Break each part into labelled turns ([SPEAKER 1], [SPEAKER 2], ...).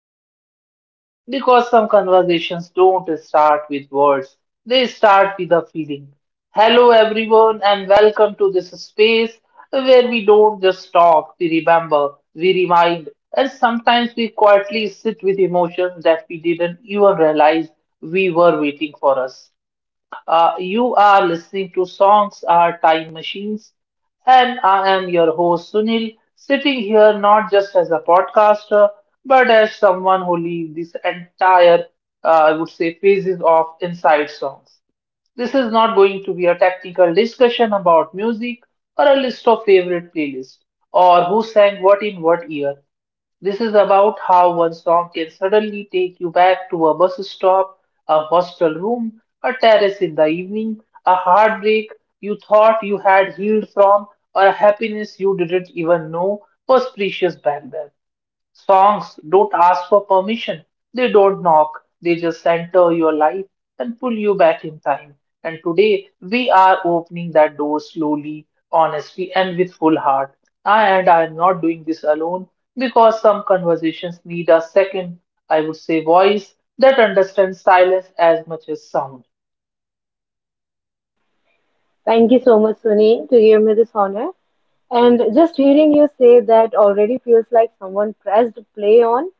[SPEAKER 1] a deep breath because some conversations don't start with words, they start with a feeling. Hello, everyone, and welcome to this space where we don't just talk, we remember, we remind, and sometimes we quietly sit with emotions that we didn't even realize we were waiting for us. You are listening to Songs Are Time Machines, and I am your host Sunil, sitting here not just as a podcaster, but as someone who lived this entire, I would say, phases of Inside Songs. This is not going to be a technical discussion about music or a list of favorite playlists or who sang what in what year. This is about how one song can suddenly take you back to a bus stop, a hostel room, a terrace in the evening, a heartbreak you thought you had healed from, or a happiness you didn't even know was precious back then. Songs don't ask for permission. They don't knock. They just enter your life and pull you back in time. And today we are opening that door slowly, honestly, and with full heart. I am not doing this alone because some conversations need a second, I would say, voice that understands silence as much as sound.
[SPEAKER 2] Thank you so much, Sunny, to give me this honor. And just hearing you say that already feels like someone pressed play on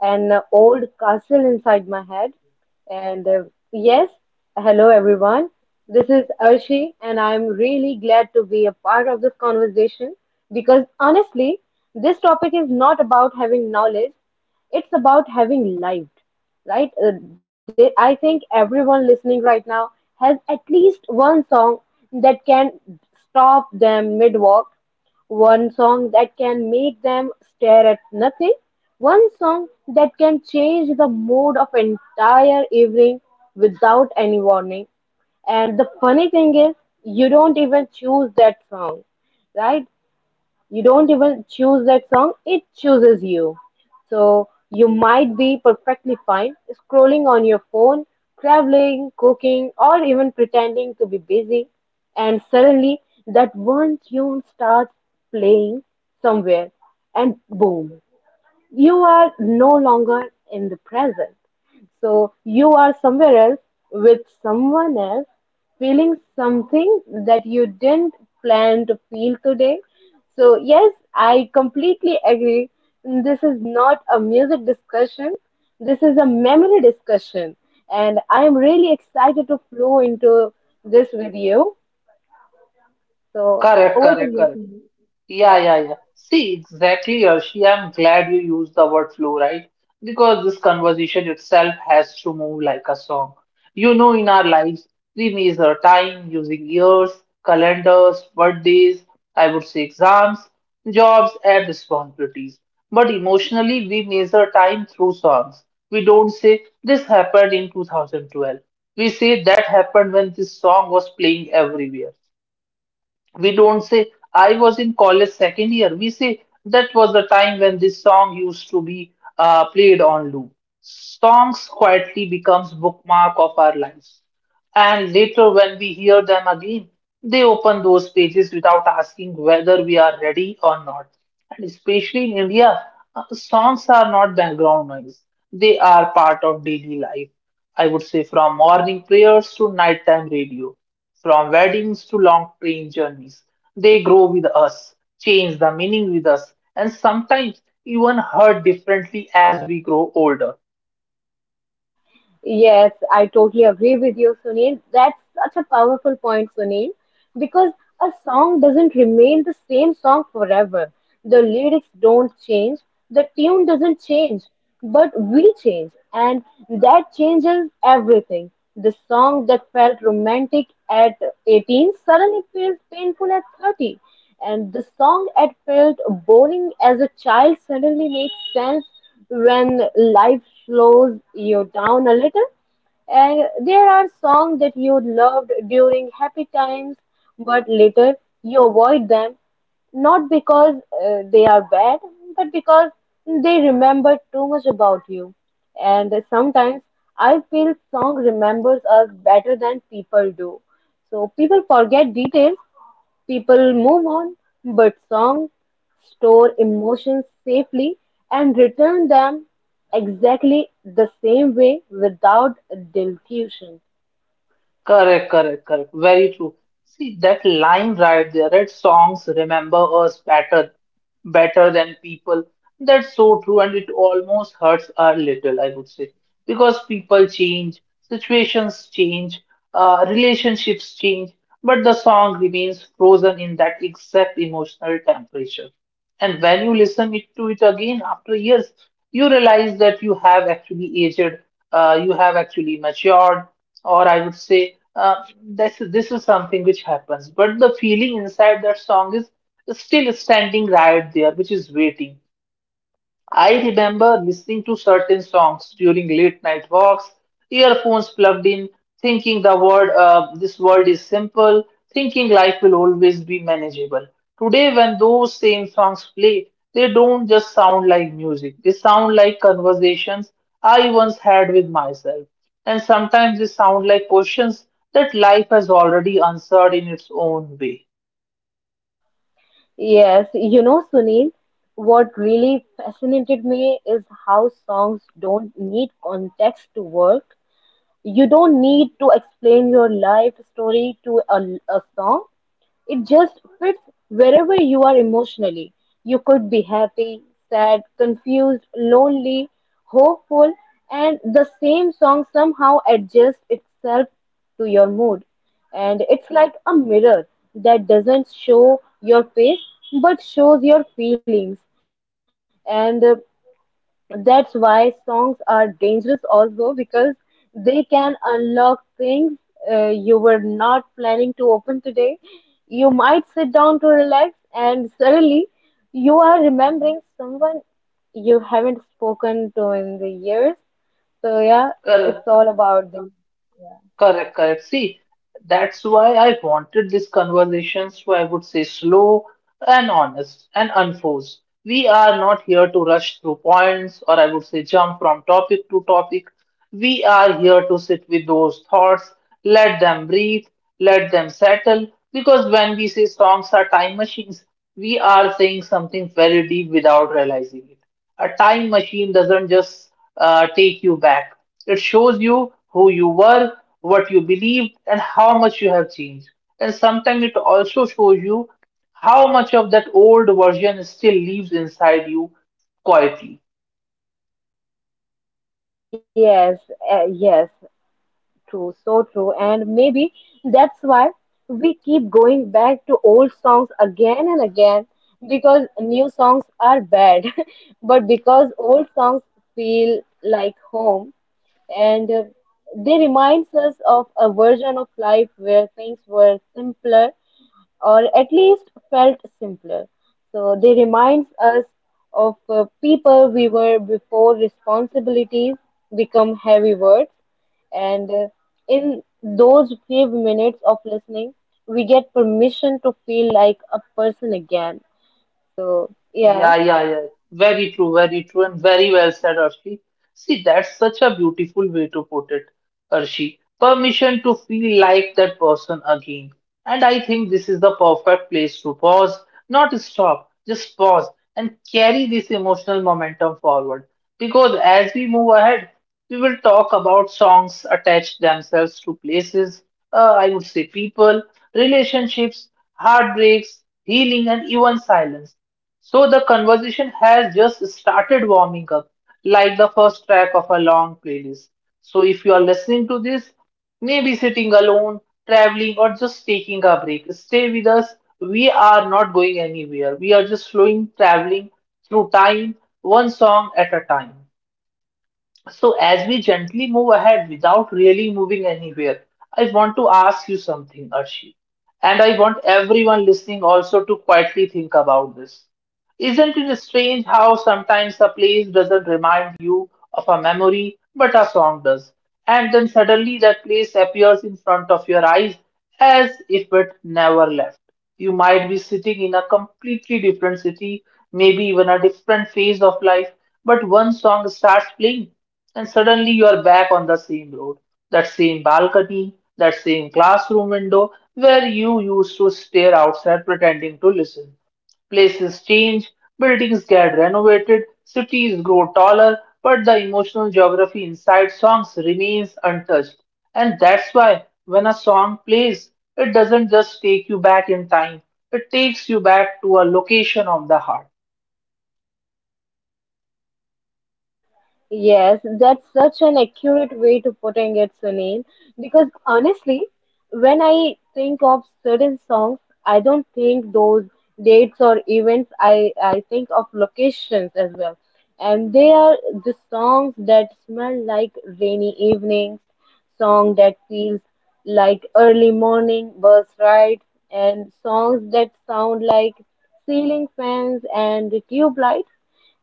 [SPEAKER 2] an old castle inside my head. And uh, yes, Hello everyone. This is Arshi, and I'm really glad to be a part of this conversation because honestly, this topic is not about having knowledge, it's about having lived, right? I think everyone listening right now has at least one song that can stop them mid walk, one song that can make them stare at nothing, one song that can change the mood of entire evening without any warning. And the funny thing is, you don't even choose that song, right? You don't even choose that song, it chooses you. So you might be perfectly fine scrolling on your phone, traveling, cooking, or even pretending to be busy, and suddenly that one tune starts playing somewhere, and boom, you are no longer in the present. So you are somewhere else with someone else, feeling something that you didn't plan to feel today. So, yes, I completely agree. This is not a music discussion, this is a memory discussion. And I am really excited to flow into this with you. So,
[SPEAKER 1] Correct,
[SPEAKER 2] over to
[SPEAKER 1] correct,
[SPEAKER 2] you,
[SPEAKER 1] correct.
[SPEAKER 2] Sneha.
[SPEAKER 1] Yeah,
[SPEAKER 2] Yes.
[SPEAKER 1] yeah, yeah. See, exactly, Arshi. I'm glad you used the word flow, right? Because this conversation itself has to move like a song. You know, in our lives, we measure time using years, calendars, birthdays, I would say exams, jobs, and responsibilities. But emotionally, we measure time through songs. We don't say, this happened in 2012. We say that happened when this song was playing everywhere. We don't say, I was in college second year. We say, that was the time when this song used to be played on loop. Songs quietly becomes bookmark of our lives. And later when we hear them again, they open those pages without asking whether we are ready or not. And especially in India, songs are not background noise. They are part of daily life. I would say from morning prayers to nighttime radio, from weddings to long train journeys. They grow with us, change the meaning with us, and sometimes even hurt differently as we grow older.
[SPEAKER 2] Yes, I totally agree with you, Sunil. That's such a powerful point, Sunil, because a song doesn't remain the same song forever. The lyrics don't change, the tune doesn't change, but we change, and that changes everything. The song that felt romantic at 18 suddenly feels painful at 30. And the song that felt boring as a child suddenly makes sense when life slows you down a little. And there are songs that you loved during happy times, but later you avoid them, not because they are bad, but because they remember too much about you. And sometimes I feel song remembers us better than people do. So people forget details, people move on, but songs store emotions safely and return them exactly the same way without dilution.
[SPEAKER 1] Correct, correct, correct. Very true. See that line right there, that songs remember us better than people. That's so true, and it almost hurts a little, I would say, because people change, situations change, relationships change, but the song remains frozen in that exact emotional temperature. And when you listen it to it again after years, you realize that you have actually aged, you have actually matured, or I would say this is something which happens. But the feeling inside that song is still standing right there, which is waiting. I remember listening to certain songs during late night walks, earphones plugged in, thinking the word this world is simple, thinking life will always be manageable. Today, when those same songs play, they don't just sound like music, they sound like conversations I once had with myself. And sometimes they sound like questions that life has already answered in its own way.
[SPEAKER 2] Yes, you know, Sunil, what really fascinated me is how songs don't need context to work. You don't need to explain your life story to a song. It just fits wherever you are emotionally. You could be happy, sad, confused, lonely, hopeful, and the same song somehow adjusts itself to your mood. And it's like a mirror that doesn't show your face but shows your feelings. And that's why songs are dangerous also, because they can unlock things you were not planning to open today. You might sit down to relax and suddenly you are remembering someone you haven't spoken to in the years. So yeah,
[SPEAKER 1] Well,
[SPEAKER 2] it's all about this.
[SPEAKER 1] Correct, correct. See, that's why I wanted this conversation. So I would say slow, and honest and unforced. We are not here to rush through points or I would say jump from topic to topic. We are here to sit with those thoughts, let them breathe, let them settle. Because when we say songs are time machines, we are saying something very deep without realizing it. A time machine doesn't just take you back, it shows you who you were, what you believed, and how much you have changed. And sometimes it also shows you how much of that old version still lives inside you quietly.
[SPEAKER 2] Yes, yes. True, so true. And maybe that's why we keep going back to old songs again and again, because new songs are bad, but because old songs feel like home, and they reminds us of a version of life where things were simpler, or at least felt simpler. So they remind us of people we were before responsibilities become heavy words. And in those few minutes of listening, we get permission to feel like a person again. So, yeah.
[SPEAKER 1] Yeah, yeah, yeah. Very true, and very well said, Arshi. See, that's such a beautiful way to put it, Arshi. Permission to feel like that person again. And I think this is the perfect place to pause, not stop, just pause and carry this emotional momentum forward. Because as we move ahead, we will talk about songs attached themselves to places, I would say people, relationships, heartbreaks, healing, and even silence. So the conversation has just started warming up, like the first track of a long playlist. So if you are listening to this, maybe sitting alone, traveling, or just taking a break, stay with us. We are not going anywhere. We are just flowing, traveling through time, one song at a time. So as we gently move ahead without really moving anywhere, I want to ask you something, Arshi. And I want everyone listening also to quietly think about this. Isn't it strange how sometimes a place doesn't remind you of a memory, but a song does? And then suddenly that place appears in front of your eyes as if it never left. You might be sitting in a completely different city, maybe even a different phase of life, but one song starts playing, and suddenly you are back on the same road, that same balcony, that same classroom window where you used to stare outside pretending to listen. Places change, buildings get renovated, cities grow taller, but the emotional geography inside songs remains untouched. And that's why when a song plays, it doesn't just take you back in time, it takes you back to a location of the heart.
[SPEAKER 2] Yes, that's such an accurate way to putting it, Sunil. Because honestly, when I think of certain songs, I don't think those dates or events. I think of locations as well, and they are the songs that smell like rainy evenings, song that feels like early morning bus rides, and songs that sound like ceiling fans and tube lights.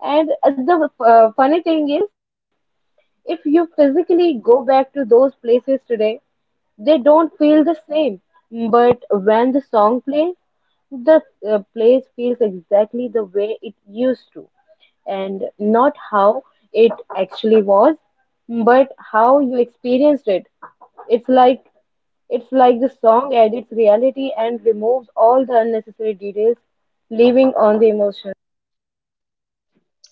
[SPEAKER 2] And the funny thing is, if you physically go back to those places today, they don't feel the same. But when the song plays, the place feels exactly the way it used to, and not how it actually was, but how you experienced it. It's like it's like the song adds reality and removes all the unnecessary details, leaving on the emotion.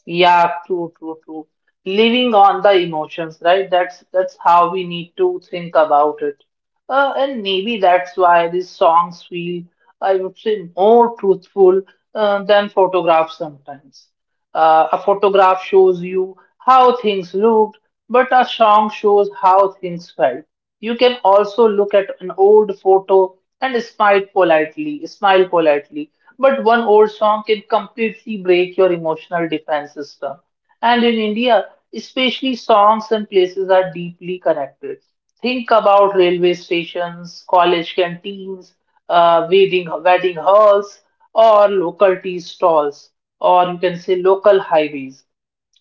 [SPEAKER 1] Yeah, true, true, true. Living on the emotions, right? That's how we need to think about it. And maybe that's why these songs feel, I would say, more truthful than photographs sometimes. A photograph shows you how things looked, but a song shows how things felt. You can also look at an old photo and smile politely, smile politely. But one old song can completely break your emotional defense system. And in India, especially songs and places are deeply connected. Think about railway stations, college canteens, wedding halls, or local tea stalls, or you can say local highways.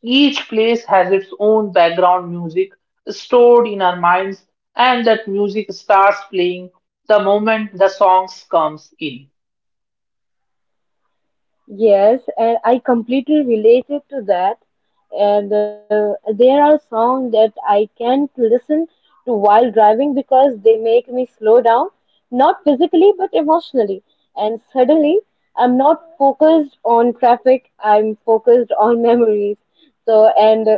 [SPEAKER 1] Each place has its own background music stored in our minds, and that music starts playing the moment the songs comes in.
[SPEAKER 2] Yes, and I completely related to that. And there are songs that I can't listen to while driving because they make me slow down, not physically but emotionally. And suddenly, I'm not focused on traffic, I'm focused on memories. So, and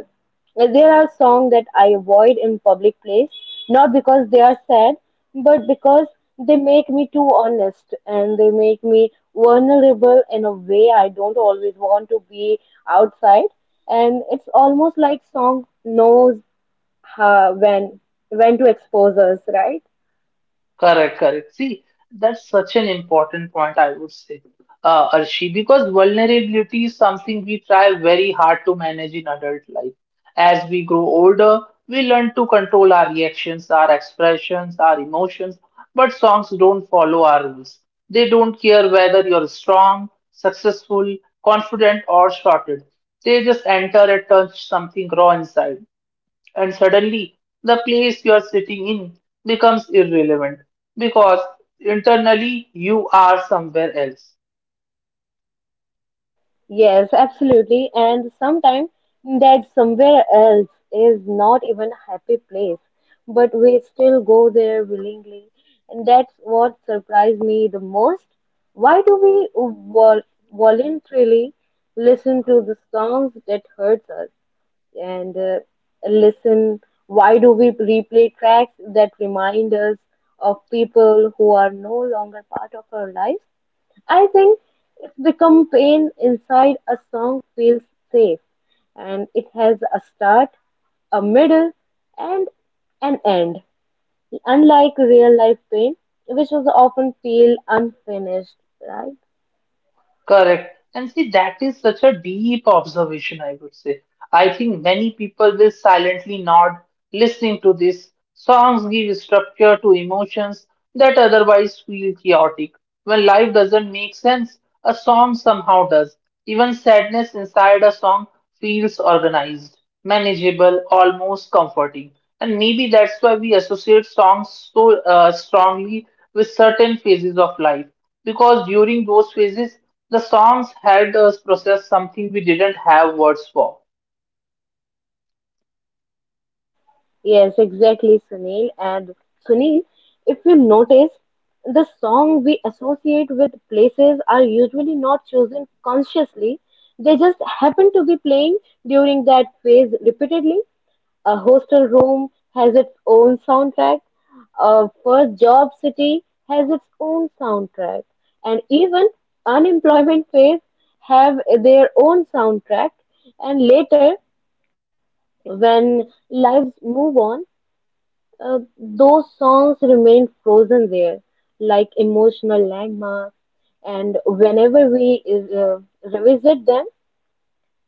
[SPEAKER 2] There are songs that I avoid in public place, not because they are sad, but because they make me too honest, and they make me vulnerable in a way I don't always want to be outside. And it's almost like song knows how, when to expose us, right?
[SPEAKER 1] Correct, correct. See, that's such an important point, I would say, Arshi, because vulnerability is something we try very hard to manage in adult life. As we grow older, we learn to control our reactions, our expressions, our emotions, but songs don't follow our rules. They don't care whether you're strong, successful, confident, or shorted. They just enter and touch something raw inside and suddenly the place you are sitting in becomes irrelevant because internally you are somewhere else.
[SPEAKER 2] Yes, absolutely. And sometimes that somewhere else is not even a happy place, but we still go there willingly. And that's what surprised me the most. Why do we vol- voluntarily listen to the songs that hurts us? And listen why do we replay tracks that remind us of people who are no longer part of our lives? I think if the pain inside a song feels safe, and it has a start, a middle, and an end. Unlike real life pain, which was often feel unfinished, right?
[SPEAKER 1] Correct. And see, that is such a deep observation, I would say. I think many people will silently nod listening to this. Songs give structure to emotions that otherwise feel chaotic. When life doesn't make sense, a song somehow does. Even sadness inside a song feels organized, manageable, almost comforting. And maybe that's why we associate songs so strongly with certain phases of life. Because during those phases, the songs helped us process something we didn't have words for.
[SPEAKER 2] Yes, exactly, Sunil. And Sunil, if you notice, the song we associate with places are usually not chosen consciously. They just happen to be playing during that phase repeatedly. A hostel room has its own soundtrack, a first job city has its own soundtrack, and even unemployment phase have their own soundtrack. And later, when lives move on, those songs remain frozen there, like emotional landmarks. And whenever we revisit them,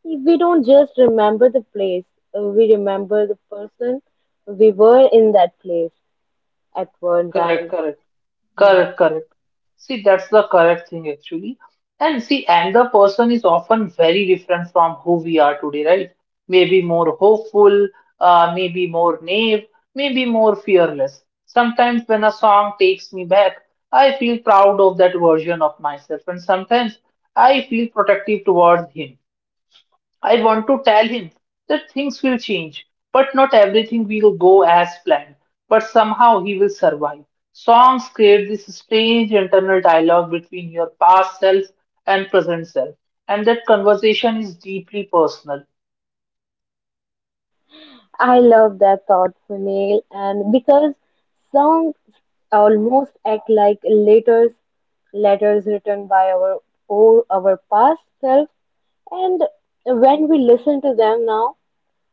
[SPEAKER 2] we don't just remember the place, we remember the person we were in that place at one
[SPEAKER 1] Correct,
[SPEAKER 2] time.
[SPEAKER 1] correct.
[SPEAKER 2] Yes.
[SPEAKER 1] Correct, correct. See, that's the correct thing actually. And see, and the person is often very different from who we are today, right? Maybe more hopeful, maybe more naive, maybe more fearless. Sometimes when a song takes me back, I feel proud of that version of myself, and sometimes I feel protective towards him. I want to tell him that things will change, but not everything will go as planned, but somehow he will survive. Songs create this strange internal dialogue between your past self and present self, and that conversation is deeply personal.
[SPEAKER 2] I love that thought, Sunil, and because songs almost act like letters, letters written by our past self, and when we listen to them now,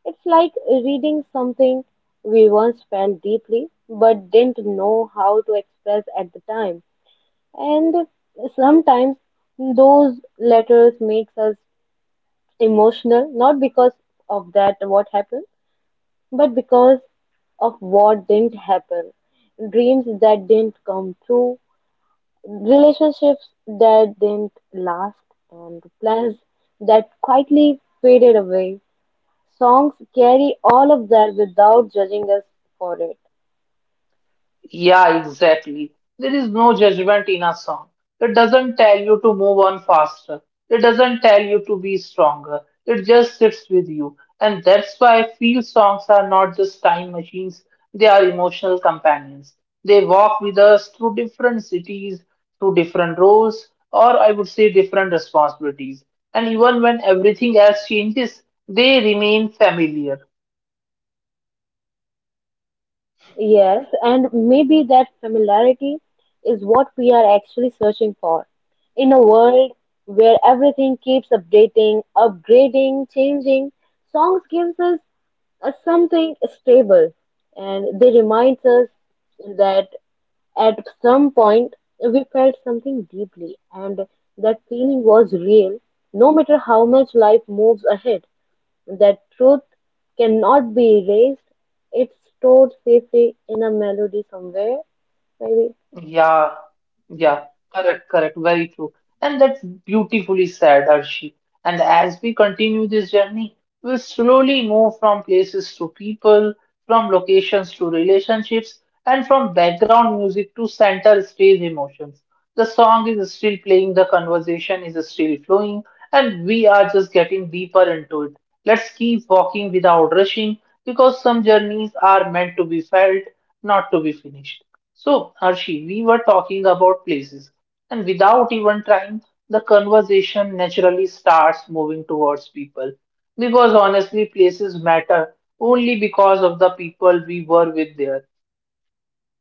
[SPEAKER 2] it's like reading something we once felt deeply but didn't know how to express at the time. And sometimes those letters makes us emotional, not because of that what happened, but because of what didn't happen, dreams that didn't come true, relationships that didn't last, and plans that quietly faded away. Songs carry all of that without judging us for it.
[SPEAKER 1] Yeah, exactly. There is no judgment in a song. It doesn't tell you to move on faster. It doesn't tell you to be stronger. It just sits with you. And that's why I feel songs are not just time machines, they are emotional companions. They walk with us through different cities, through different roles, or I would say different responsibilities. And even when everything else changes, they remain familiar.
[SPEAKER 2] Yes, and maybe that familiarity is what we are actually searching for. In a world where everything keeps updating, upgrading, changing, songs gives us a something stable, and they remind us that at some point we felt something deeply, and that feeling was real. No matter how much life moves ahead, that truth cannot be erased. It's stored safely in a melody somewhere, maybe.
[SPEAKER 1] Yeah, yeah, correct, correct, very true. And that's beautifully said, Arshi. And as we continue this journey, we'll slowly move from places to people, from locations to relationships, and from background music to center stage emotions. The song is still playing, the conversation is still flowing, and we are just getting deeper into it. Let's keep walking without rushing because some journeys are meant to be felt, not to be finished. So, Harshi, we were talking about places, and without even trying, the conversation naturally starts moving towards people. Because honestly, places matter only because of the people we were with there.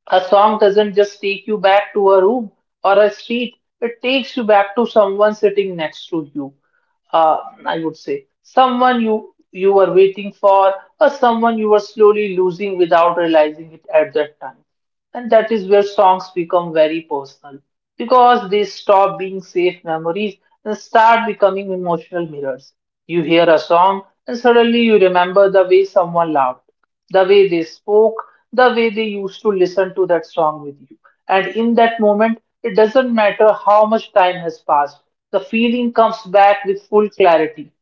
[SPEAKER 1] A song doesn't just take you back to a room or a street, it takes you back to someone sitting next to you. Uh, I would say someone you were waiting for or someone you were slowly losing without realizing it at that time. And that is where songs become very personal because they stop being safe memories and start becoming emotional mirrors. You hear a song and suddenly you remember the way someone laughed, the way they spoke, the way they used to listen to that song with you. And in that moment, it doesn't matter how much time has passed, the feeling comes back with full clarity.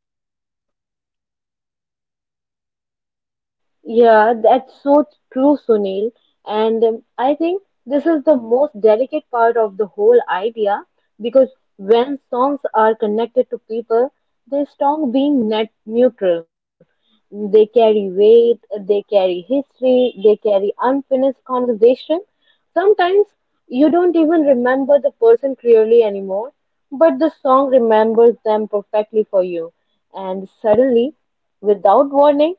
[SPEAKER 2] Yeah, that's so true, Sunil. And I think this is the most delicate part of the whole idea, because when songs are connected to people, they stop being net neutral. They carry weight, they carry history, they carry unfinished conversation. Sometimes you don't even remember the person clearly anymore, but the song remembers them perfectly for you. And suddenly, without warning,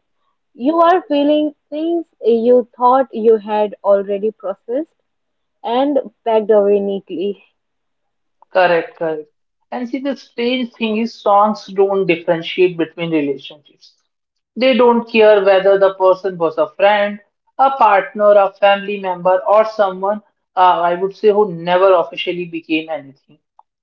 [SPEAKER 2] you are feeling things you thought you had already processed and packed away neatly.
[SPEAKER 1] Correct, correct. And see, the strange thing is, songs don't differentiate between relationships. They don't care whether the person was a friend, a partner, a family member, or someone, I would say, who never officially became anything.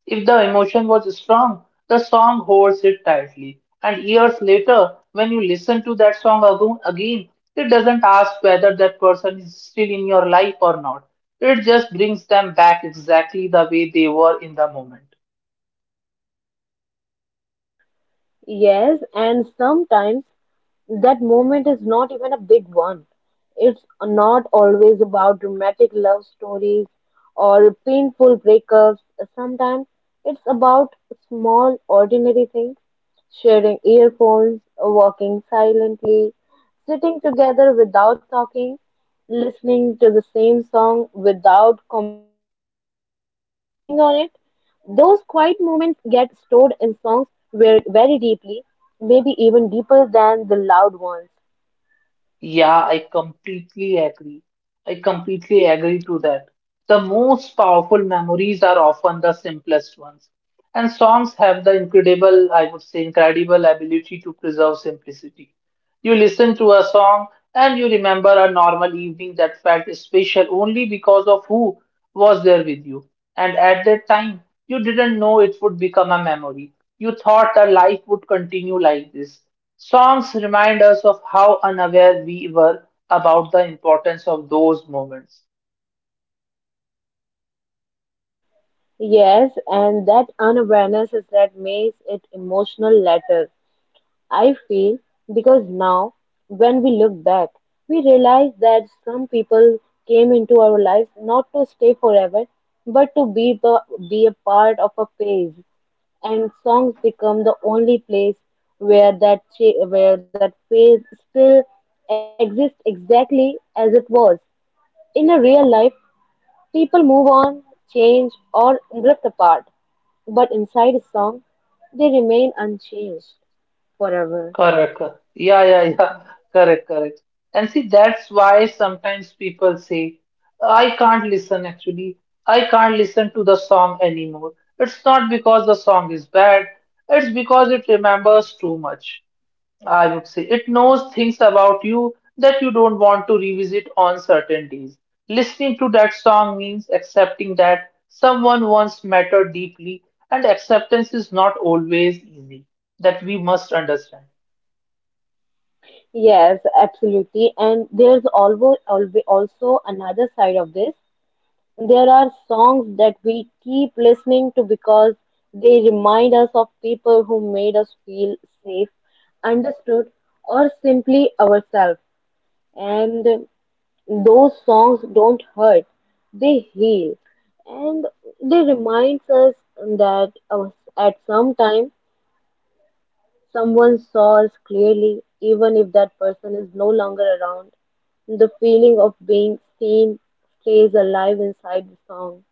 [SPEAKER 1] If the emotion was strong, the song holds it tightly. And years later, when you listen to that song again, it doesn't ask whether that person is still in your life or not. It just brings them back exactly the way they were in the moment.
[SPEAKER 2] Yes, and sometimes that moment is not even a big one. It's not always about dramatic love stories or painful breakups. Sometimes it's about small, ordinary things. Sharing earphones, walking silently, sitting together without talking, listening to the same song without commenting on it. Those quiet moments get stored in songs very, very deeply, maybe even deeper than the loud ones.
[SPEAKER 1] Yeah, I completely agree. I completely agree to that. The most powerful memories are often the simplest ones. And songs have the incredible, I would say, incredible ability to preserve simplicity. You listen to a song and you remember a normal evening that felt special only because of who was there with you. And at that time, you didn't know it would become a memory. You thought a life would continue like this. Songs remind us of how unaware we were about the importance of those moments.
[SPEAKER 2] Yes, and that unawareness is that makes it emotional later. I feel because now, when we look back, we realize that some people came into our lives not to stay forever, but to be a part of a phase, and songs become the only place where where that phase still exists exactly as it was. In a real life, people move on, change, or drift apart, but inside a song, they remain unchanged forever.
[SPEAKER 1] Correct, correct. Yeah, yeah, yeah. Correct, correct. And see, that's why sometimes people say, I can't listen actually. I can't listen to the song anymore. It's not because the song is bad, it's because it remembers too much. I would say it knows things about you that you don't want to revisit on certain days. Listening to that song means accepting that someone once mattered deeply, and acceptance is not always easy. That we must understand.
[SPEAKER 2] Yes, absolutely. And there's always, always also another side of this. There are songs that we keep listening to because they remind us of people who made us feel safe, understood, or simply ourselves. And those songs don't hurt, they heal. And they remind us that at some time someone saw us clearly, even if that person is no longer around. The feeling of being seen stays alive inside the song.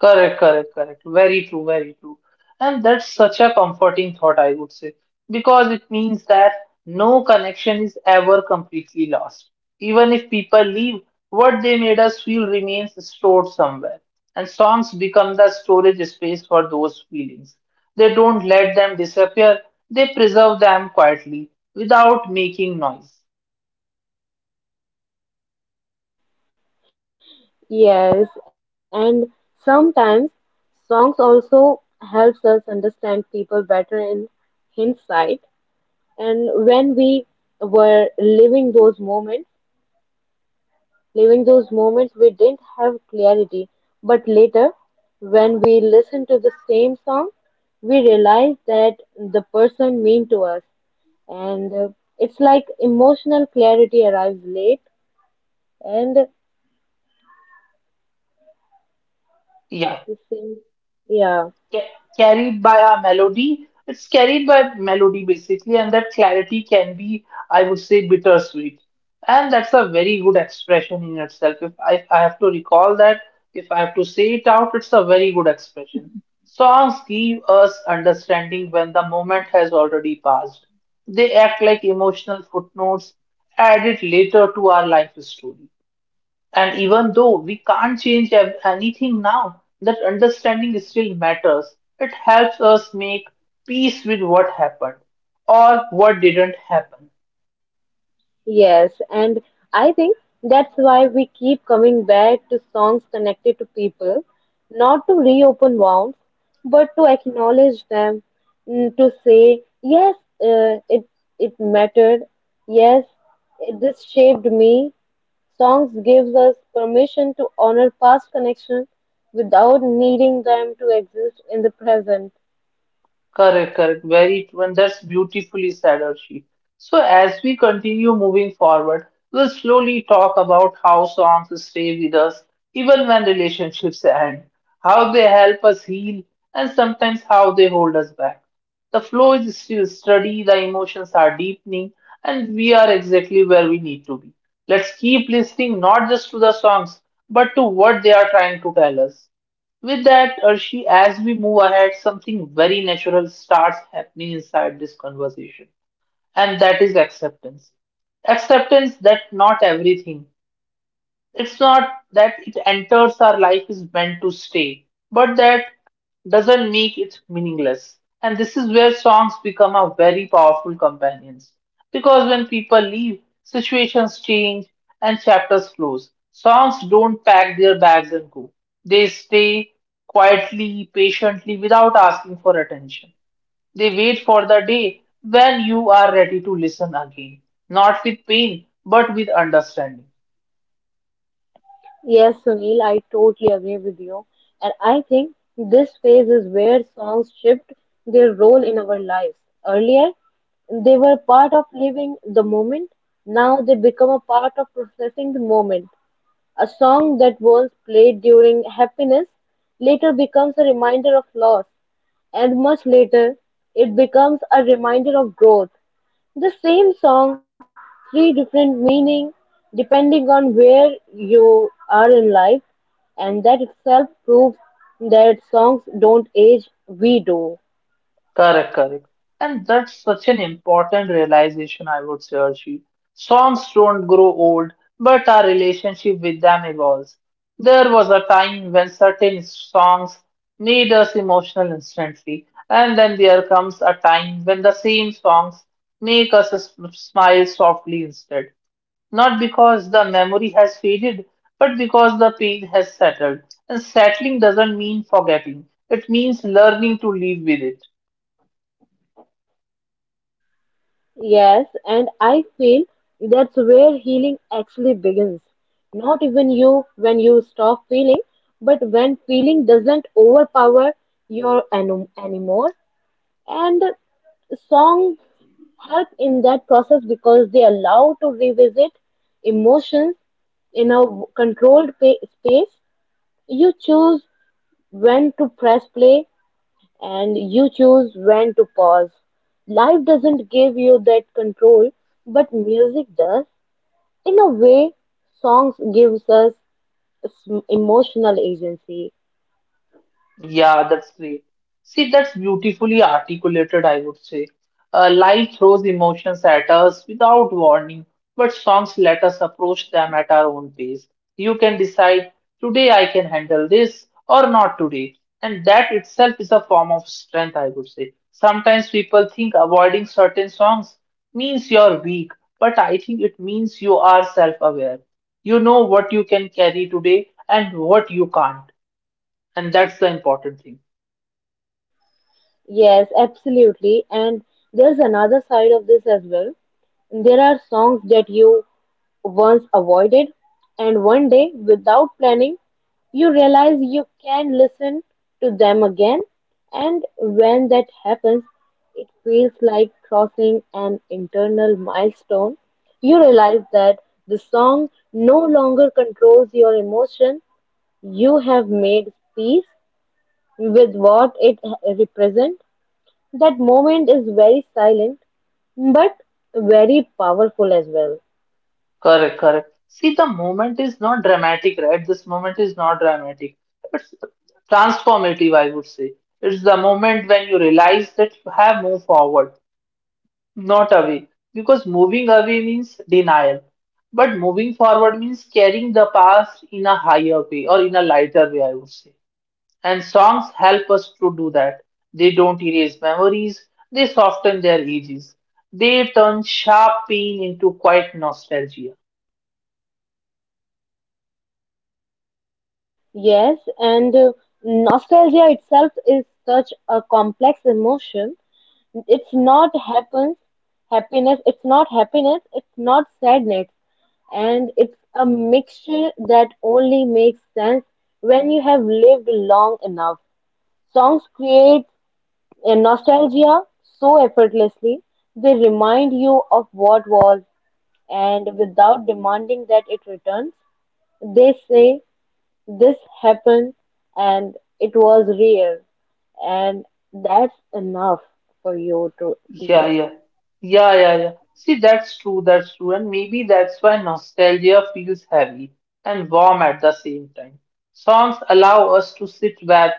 [SPEAKER 1] Correct, correct, correct. Very true, very true. And that's such a comforting thought, I would say, because it means that no connection is ever completely lost. Even if people leave, what they made us feel remains stored somewhere. And songs become the storage space for those feelings. They don't let them disappear, they preserve them quietly without making noise.
[SPEAKER 2] Yes, and sometimes songs also helps us understand people better in hindsight. And when we were living those moments, living those moments we didn't have clarity, but later, when we listen to the same song, we realize that the person mean to us. And it's like emotional clarity arrives late, and the
[SPEAKER 1] Yeah,
[SPEAKER 2] same, yeah.
[SPEAKER 1] ca- carried by a melody. It's carried by melody basically, and that clarity can be, I would say, bittersweet. And that's a very good expression in itself. If I have to recall that, if I have to say it out, it's a very good expression. Songs give us understanding when the moment has already passed. They act like emotional footnotes added later to our life story. And even though we can't anything now, that understanding still matters. It helps us make peace with what happened or what didn't happen.
[SPEAKER 2] Yes, and I think that's why we keep coming back to songs connected to people, not to reopen wounds, but to acknowledge them, mm, to say, yes, uh, it it mattered, yes, it, this shaped me. Songs gives us permission to honor past connection without needing them to exist in the present.
[SPEAKER 1] Correct, correct. Very true. And that's beautifully said, Archie. So, as we continue moving forward, we'll slowly talk about how songs stay with us even when relationships end, how they help us heal, and sometimes how they hold us back. The flow is still steady, the emotions are deepening, and we are exactly where we need to be. Let's keep listening not just to the songs, but to what they are trying to tell us. With that, Arshi, as we move ahead, something very natural starts happening inside this conversation, and that is acceptance. Acceptance that not everything, it's not that it enters our life is meant to stay, but that doesn't make it meaningless. And this is where songs become a very powerful companions. Because when people leave, situations change and chapters close. Songs don't pack their bags and go. They stay quietly, patiently, without asking for attention. They wait for the day when you are ready to listen again, not with pain, but with understanding.
[SPEAKER 2] Yes, Sunil, I totally agree with you. And I think this phase is where songs shift their role in our lives. Earlier, they were part of living the moment. Now they become a part of processing the moment. A song that was played during happiness later becomes a reminder of loss, and much later, it becomes a reminder of growth. The same song, three different meaning depending on where you are in life, and that itself proves that songs don't age, we do.
[SPEAKER 1] Correct, correct. And that's such an important realization, I would say, Archie. Songs don't grow old, but our relationship with them evolves. There was a time when certain songs made us emotional instantly, and then there comes a time when the same songs make us smile softly instead. Not because the memory has faded, but because the pain has settled. And settling doesn't mean forgetting, it means learning to live with it.
[SPEAKER 2] Yes, and I feel that's where healing actually begins. Not even you when you stop feeling, but when feeling doesn't overpower your anymore. And songs help in that process because they allow to revisit emotions in a controlled space. You choose when to press play and you choose when to pause. Life doesn't give you that control, but music does. In a way, songs gives us emotional agency.
[SPEAKER 1] Yeah, that's great. See, that's beautifully articulated, I would say. Life throws emotions at us without warning, but songs let us approach them at our own pace. You can decide, today I can handle this or not today. And that itself is a form of strength, I would say. Sometimes people think avoiding certain songs means you're weak, but I think it means you are self-aware. You know what you can carry today and what you can't, and that's the important thing.
[SPEAKER 2] Yes, absolutely. And there's another side of this as well. There are songs that you once avoided, and one day, without planning, you realize you can listen to them again. And when that happens, it feels like crossing an internal milestone. You realize that the song no longer controls your emotion. You have made peace with what it represents that moment is very silent, but very powerful as well.
[SPEAKER 1] Correct, correct. See, the moment is not dramatic, right? This moment is not dramatic. It's transformative, I would say. It's the moment when you realize that you have moved forward, not away. Because moving away means denial. But moving forward means carrying the past in a higher way or in a lighter way, I would say. And songs help us to do that. They don't erase memories, they soften their ages. They turn sharp pain into quiet nostalgia.
[SPEAKER 2] Yes, and nostalgia itself is such a complex emotion. It's not happens, happiness, it's not sadness, and it's a mixture that only makes sense when you have lived long enough. Songs create In nostalgia, so effortlessly, they remind you of what was, and without demanding that it returns, they say this happened and it was real, and that's enough for you to
[SPEAKER 1] Yeah,
[SPEAKER 2] feel.
[SPEAKER 1] yeah, yeah, yeah, yeah. See, that's true, and maybe that's why nostalgia feels heavy and warm at the same time. Songs allow us to sit back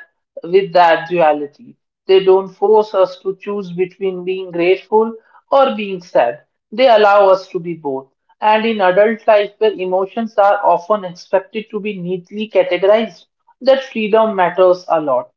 [SPEAKER 1] with that duality. They don't force us to choose between being grateful or being sad. They allow us to be both. And in adult life, where emotions are often expected to be neatly categorized, that freedom matters a lot.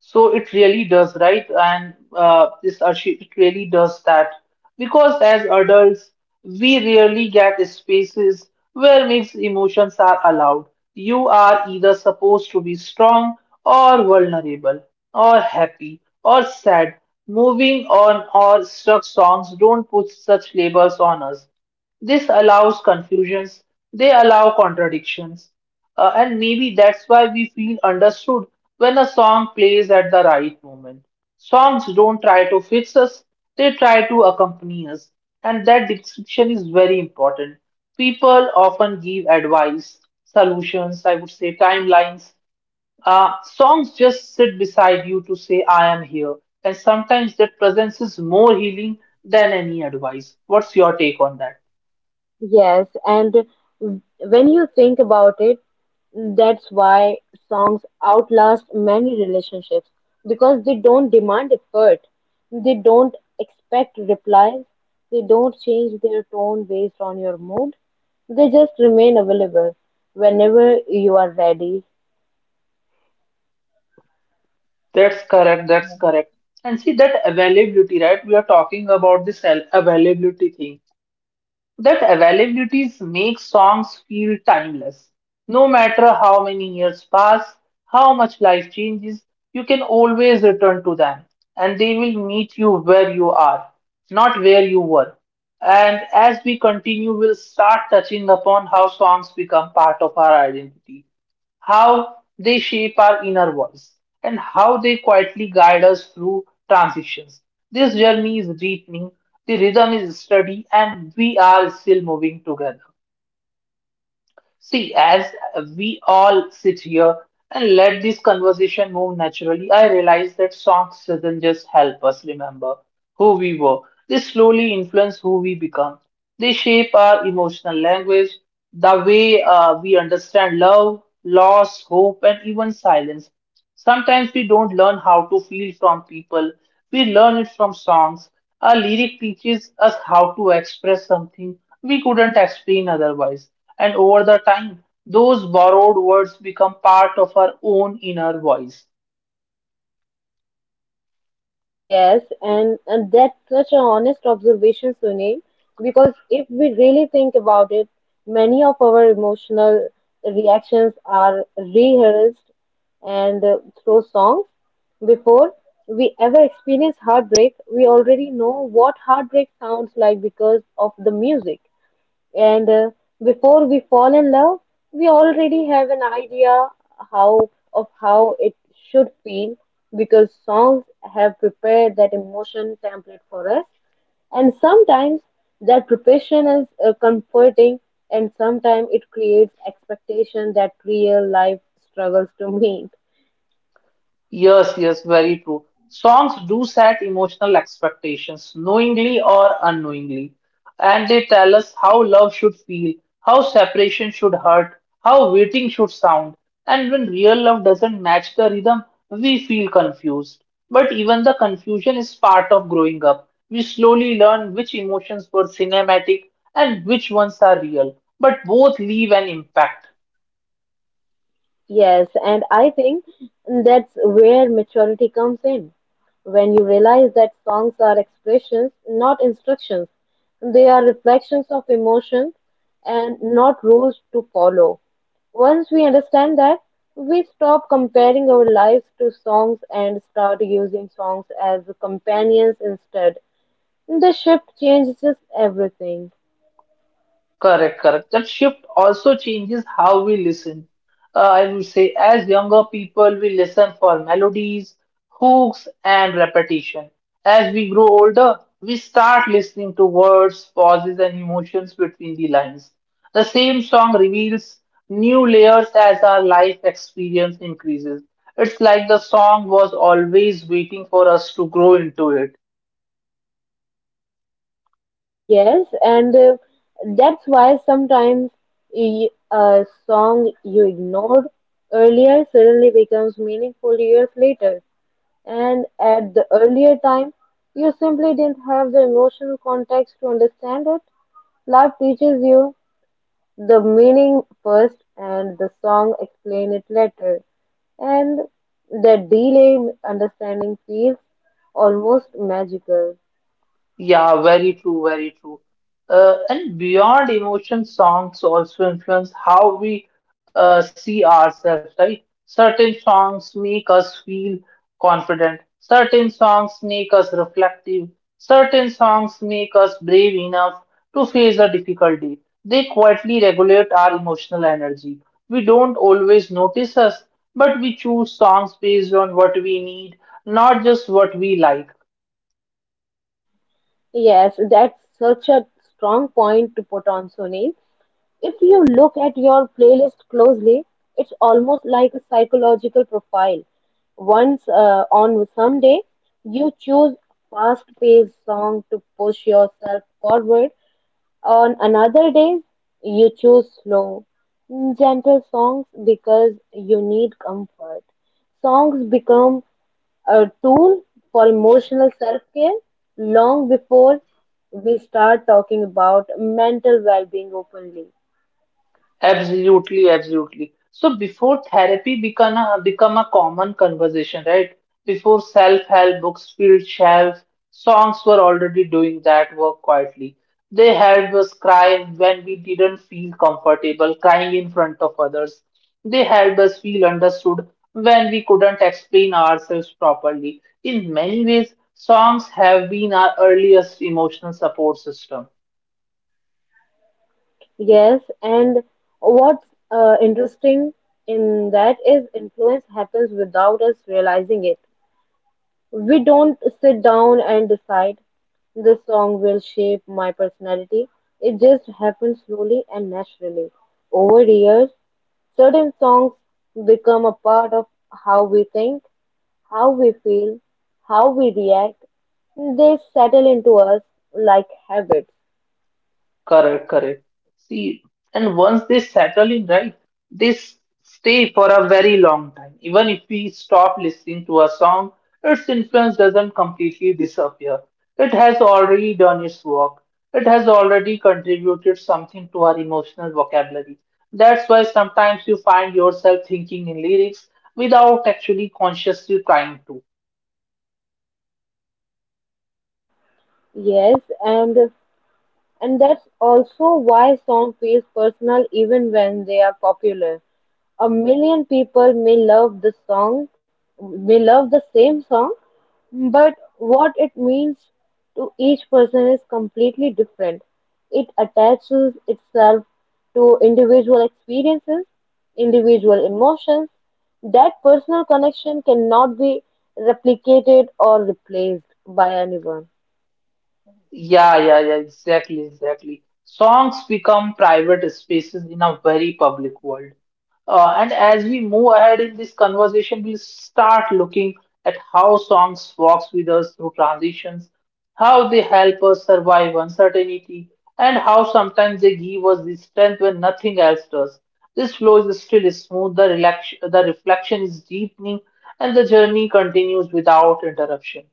[SPEAKER 1] So it really does, right? And this Arshi, it really does that because as adults, we rarely get spaces where mixed emotions are allowed. You are either supposed to be strong or vulnerable, or happy or sad. Moving on or stuck songs don't put such labels on us. This allows confusions, they allow contradictions. And maybe that's why we feel understood when a song plays at the right moment. Songs don't try to fix us, they try to accompany us. And that description is very important. People often give advice, solutions, I would say timelines. Songs just sit beside you to say, I am here. And sometimes that presence is more healing than any advice. What's your take on that?
[SPEAKER 2] Yes, and when you think about it, that's why songs outlast many relationships because they don't demand effort, they don't expect replies, they don't change their tone based on your mood, they just remain available whenever you are ready.
[SPEAKER 1] That's correct. That's correct. And see that availability, right? We are talking about this availability thing. That availability makes songs feel timeless. No matter how many years pass, how much life changes, you can always return to them and they will meet you where you are, not where you were. And as we continue, we'll start touching upon how songs become part of our identity, how they shape our inner voice, and how they quietly guide us through transitions. This journey is deepening, the rhythm is steady, and we are still moving together. See, as we all sit here and let this conversation move naturally, I realize that songs doesn't just help us remember who we were. They slowly influence who we become. They shape our emotional language, the way we understand love, loss, hope, and even silence. Sometimes we don't learn how to feel from people, we learn it from songs. A lyric teaches us how to express something we couldn't explain otherwise. And over the time, those borrowed words become part of our own inner voice.
[SPEAKER 2] Yes, and that's such an honest observation, Sunil, because if we really think about it, many of our emotional reactions are rehearsed and through songs. Before we ever experience heartbreak, we already know what heartbreak sounds like because of the music. And before we fall in love, we already have an idea how of how it should feel because songs have prepared that emotion template for us. And sometimes that preparation is comforting, and sometimes it creates expectation that real life struggles to meet.
[SPEAKER 1] Yes, yes, very true. Songs do set emotional expectations, knowingly or unknowingly, and they tell us how love should feel, how separation should hurt, how waiting should sound. And when real love doesn't match the rhythm, we feel confused. But even the confusion is part of growing up. We slowly learn which emotions were cinematic and which ones are real, but both leave an impact.
[SPEAKER 2] Yes, and I think that's where maturity comes in. When you realize that songs are expressions, not instructions, they are reflections of emotions and not rules to follow. Once we understand that, we stop comparing our lives to songs and start using songs as companions instead. The shift changes everything.
[SPEAKER 1] Correct, correct. That shift also changes how we listen. I would say, as younger people, we listen for melodies, hooks, and repetition. As we grow older, we start listening to words, pauses, and emotions between the lines. The same song reveals new layers as our life experience increases. It's like the song was always waiting for us to grow into it.
[SPEAKER 2] Yes, and that's why sometimes a song you ignored earlier suddenly becomes meaningful years later. And at the earlier time, you simply didn't have the emotional context to understand it. Life teaches you the meaning first and the song explain it later. And that delayed understanding feels almost magical.
[SPEAKER 1] Yeah, very true, very true. And beyond emotion, songs also influence how we see ourselves, right? Certain songs make us feel confident, certain songs make us reflective, certain songs make us brave enough to face a difficulty. They quietly regulate our emotional energy. We don't always notice us, but we choose songs based on what we need, not just what we like.
[SPEAKER 2] Yes, that's such a strong point to put on, Sunil. If you look at your playlist closely, it's almost like a psychological profile. Once on some day, you choose fast-paced song to push yourself forward. On another day, you choose slow, gentle songs because you need comfort. Songs become a tool for emotional self care long before we start talking about mental well being openly.
[SPEAKER 1] Absolutely, absolutely. So before therapy become a common conversation, right? Before self-help books filled shelf, songs were already doing that work quietly. They helped us cry when we didn't feel comfortable crying in front of others. They helped us feel understood when we couldn't explain ourselves properly. In many ways, songs have been our earliest emotional support system.
[SPEAKER 2] Yes, and what's interesting in that is influence happens without us realizing it. We don't sit down and decide this song will shape my personality. It just happens slowly and naturally. Over the years, certain songs become a part of how we think, how we feel, how we react. They settle into us like habits.
[SPEAKER 1] Correct, correct. See, and once they settle in, right, they stay for a very long time. Even if we stop listening to a song, its influence doesn't completely disappear. It has already done its work. It has already contributed something to our emotional vocabulary. That's why sometimes you find yourself thinking in lyrics without actually consciously trying to.
[SPEAKER 2] Yes, and that's also why song feels personal even when they are popular. A million people may love the song, may love the same song, but what it means to each person is completely different. It attaches itself to individual experiences, individual emotions. That personal connection cannot be replicated or replaced by anyone.
[SPEAKER 1] Yeah, yeah, yeah, exactly, exactly. Songs become private spaces in a very public world. And as we move ahead in this conversation, we'll start looking at how songs walks with us through transitions, how they help us survive uncertainty, and how sometimes they give us the strength when nothing else does. This flow is still smooth, the reflection is deepening, and the journey continues without interruption.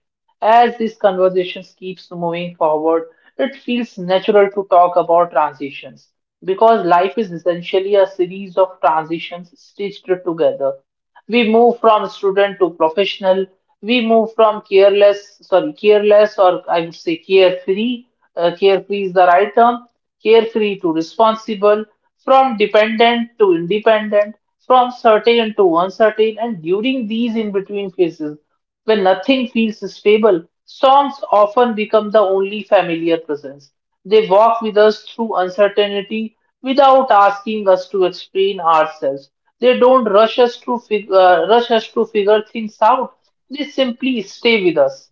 [SPEAKER 1] As these conversations keeps moving forward, it feels natural to talk about transitions because life is essentially a series of transitions stitched together. We move from student to professional. We move from careless, sorry, careless, or I would say carefree. Carefree is the right term. Carefree to responsible, from dependent to independent, from certain to uncertain, and during these in between phases. When nothing feels stable, songs often become the only familiar presence. They walk with us through uncertainty without asking us to explain ourselves. They don't rush us to figure things out. They simply stay with us.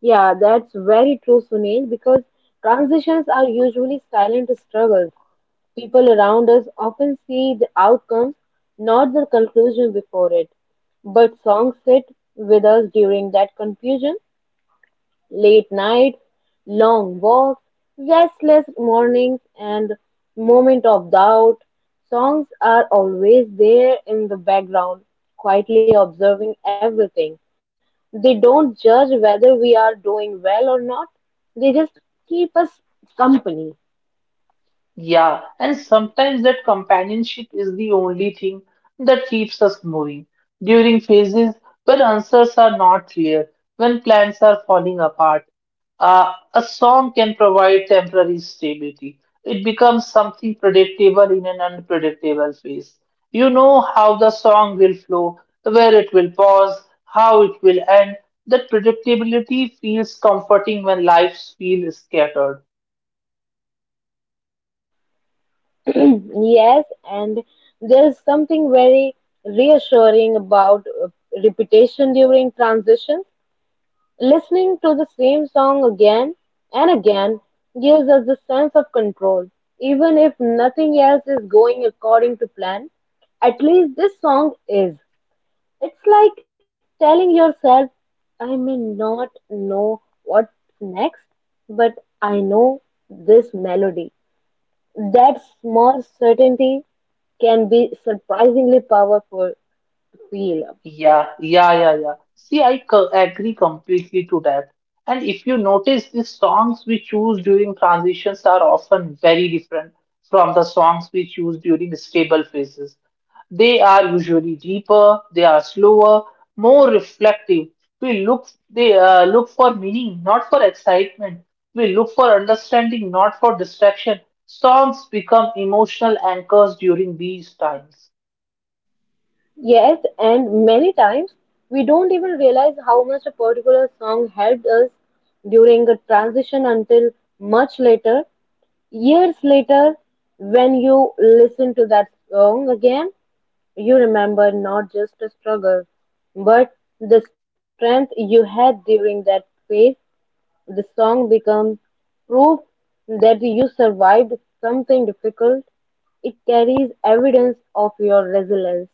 [SPEAKER 2] Yeah, that's very true, Sunil, because transitions are usually silent struggles. People around us often see the outcomes, not the conclusion before it. But songs sit with us during that confusion. Late nights, long walks, restless mornings, and moment of doubt. Songs are always there in the background, quietly observing everything. They don't judge whether we are doing well or not, they just keep us company.
[SPEAKER 1] Yeah, and sometimes that companionship is the only thing that keeps us moving. During phases when answers are not clear, when plans are falling apart, a song can provide temporary stability. It becomes something predictable in an unpredictable phase. You know how the song will flow, where it will pause, how it will end. That predictability feels comforting when lives feel scattered.
[SPEAKER 2] Yes, and there's something very reassuring about repetition during transitions. Listening to the same song again and again gives us a sense of control. Even if nothing else is going according to plan, at least this song is. It's like telling yourself, I may not know what's next, but I know this melody. That small certainty can be surprisingly powerful to feel.
[SPEAKER 1] Yeah, yeah, yeah, yeah. See, agree completely to that. And if you notice, the songs we choose during transitions are often very different from the songs we choose during stable phases. They are usually deeper, they are slower, more reflective. We look for meaning, not for excitement. We look for understanding, not for distraction. Songs become emotional anchors during these times.
[SPEAKER 2] Yes, and many times we don't even realize how much a particular song helped us during a transition until much later, years later, when you listen to that song again, you remember not just a struggle, but the strength you had during that phase. The song becomes proof that you survived something difficult. It carries evidence of your resilience.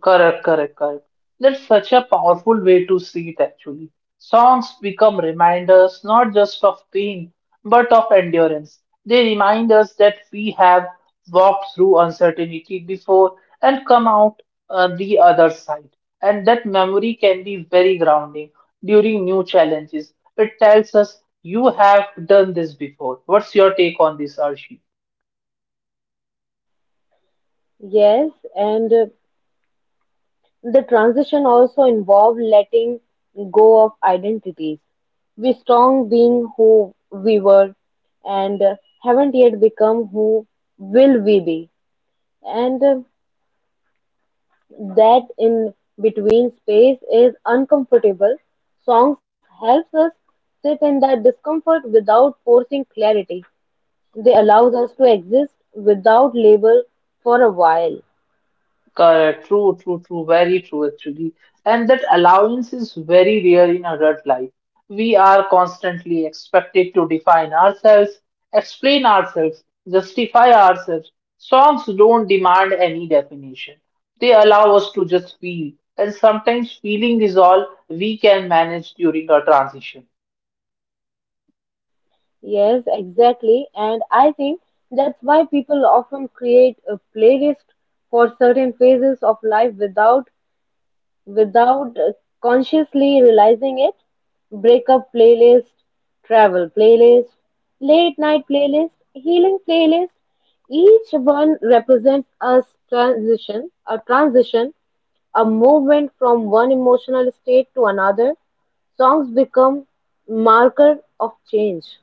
[SPEAKER 1] Correct, correct, correct. That's such a powerful way to see it actually. Songs become reminders not just of pain, but of endurance. They remind us that we have walked through uncertainty before and come out on the other side. And that memory can be very grounding during new challenges. It tells us you have done this before. What's your take on this, Arshi?
[SPEAKER 2] Yes, and the transition also involved letting go of identities. We strong being who we were and haven't yet become who will we be. And that in between space is uncomfortable. Songs helps us sit in that discomfort without forcing clarity. They allows us to exist without label for a while.
[SPEAKER 1] Correct. True, true, true. Very true, actually. And that allowance is very rare in adult life. We are constantly expected to define ourselves, explain ourselves, justify ourselves. Songs don't demand any definition. They allow us to just feel, and sometimes feeling is all we can manage during a transition.
[SPEAKER 2] Yes, exactly. And I think that's why people often create a playlist for certain phases of life without consciously realizing it. Breakup playlist, travel playlist, late night playlist, healing playlist. Each one represents a transition, a movement from one emotional state to another. Songs become marker of change.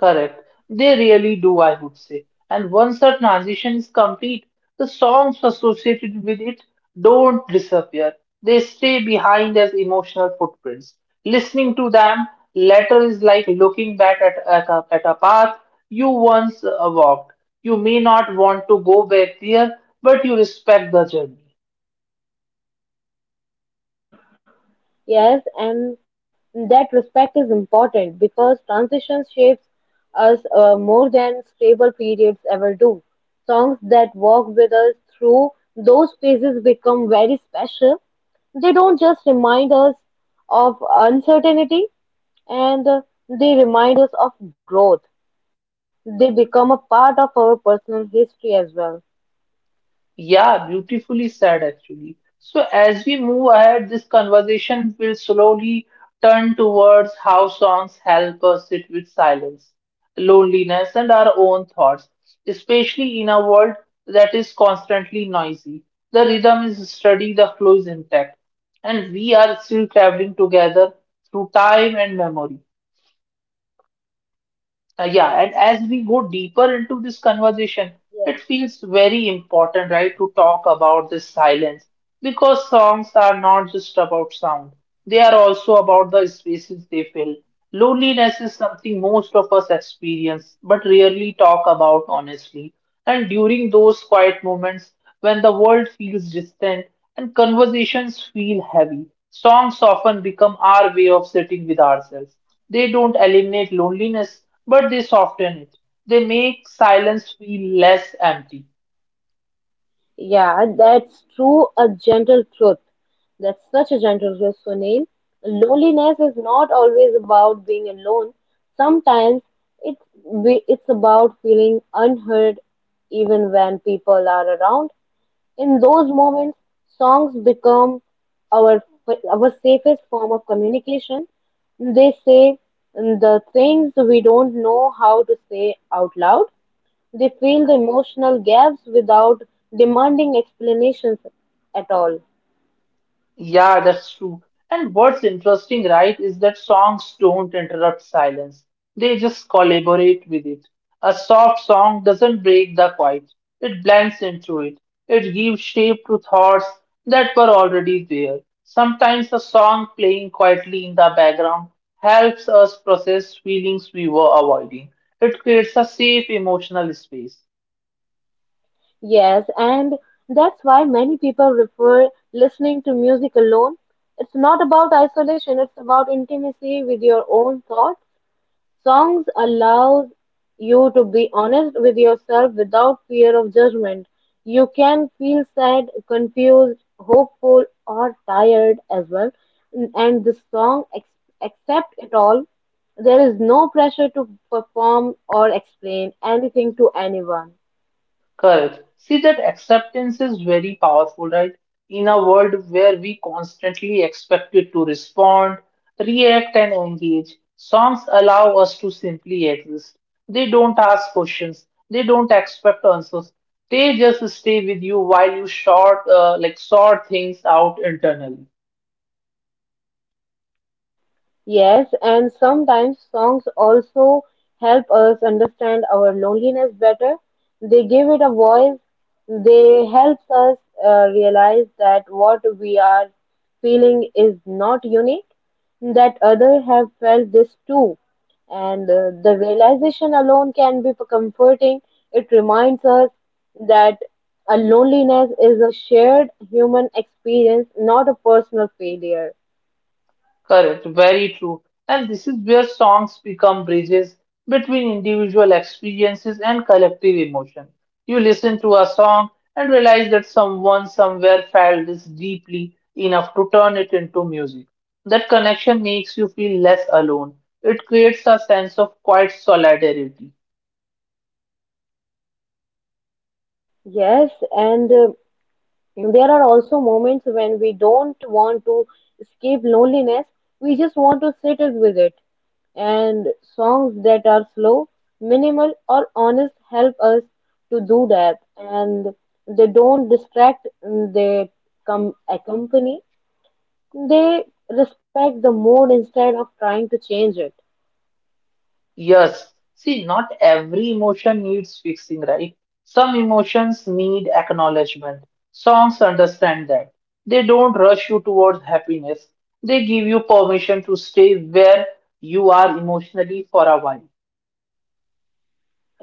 [SPEAKER 1] Correct. They really do, I would say. And once that transition is complete, the songs associated with it don't disappear. They stay behind as emotional footprints. Listening to them later is like looking back at a path you once walked. You may not want to go back there, but you respect the journey.
[SPEAKER 2] Yes, and that respect is important because transition shapes us more than stable periods ever do. Songs that walk with us through those phases become very special. They don't just remind us of uncertainty, and they remind us of growth. They become a part of our personal history as well.
[SPEAKER 1] Yeah, beautifully said actually. So as we move ahead, this conversation will slowly turn towards how songs help us sit with silence, loneliness, and our own thoughts, especially in a world that is constantly noisy. The rhythm is steady, the flow is intact, and we are still traveling together through time and memory. Yeah, and as we go deeper into this conversation, it feels very important, right, to talk about this silence because songs are not just about sound, they are also about the spaces they fill. Loneliness is something most of us experience but rarely talk about honestly. And during those quiet moments when the world feels distant and conversations feel heavy, songs often become our way of sitting with ourselves. They don't eliminate loneliness, but they soften it. They make silence feel less empty.
[SPEAKER 2] Yeah, that's true, a gentle truth. That's such a gentle truth, Sunil. Loneliness is not always about being alone. Sometimes it's about feeling unheard even when people are around. In those moments, songs become our our safest form of communication. They say the things we don't know how to say out loud. They fill the emotional gaps without demanding explanations at all.
[SPEAKER 1] Yeah, that's true. And what's interesting, right, is that songs don't interrupt silence. They just collaborate with it. A soft song doesn't break the quiet. It blends into it. It gives shape to thoughts that were already there. Sometimes a song playing quietly in the background helps us process feelings we were avoiding. It creates a safe emotional space.
[SPEAKER 2] Yes, and that's why many people refer listening to music alone. It's not about isolation, it's about intimacy with your own thoughts. Songs allows you to be honest with yourself without fear of judgment. You can feel sad, confused, hopeful, or tired as well. And this song accept it all. There is no pressure to perform or explain anything to anyone.
[SPEAKER 1] Correct. See, that acceptance is very powerful, right? In a world where we constantly expected to respond, react, and engage, songs allow us to simply exist. They don't ask questions. They don't expect answers. They just stay with you while you sort things out internally.
[SPEAKER 2] Yes, and sometimes songs also help us understand our loneliness better. They give it a voice. They help us realize that what we are feeling is not unique, that others have felt this too. And the realization alone can be comforting. It reminds us that a loneliness is a shared human experience, not a personal failure.
[SPEAKER 1] Correct, very true. And this is where songs become bridges between individual experiences and collective emotion. You listen to a song and realize that someone somewhere felt this deeply enough to turn it into music. That connection makes you feel less alone. It creates a sense of quiet solidarity.
[SPEAKER 2] Yes, and there are also moments when we don't want to escape loneliness, we just want to sit it with it. And songs that are slow, minimal, or honest help us to do that. And they don't distract, they come accompany, they respect the mood instead of trying to change it.
[SPEAKER 1] Yes. See, not every emotion needs fixing, right? Some emotions need acknowledgement. Songs understand that. They don't rush you towards happiness. They give you permission to stay where you are emotionally for a while.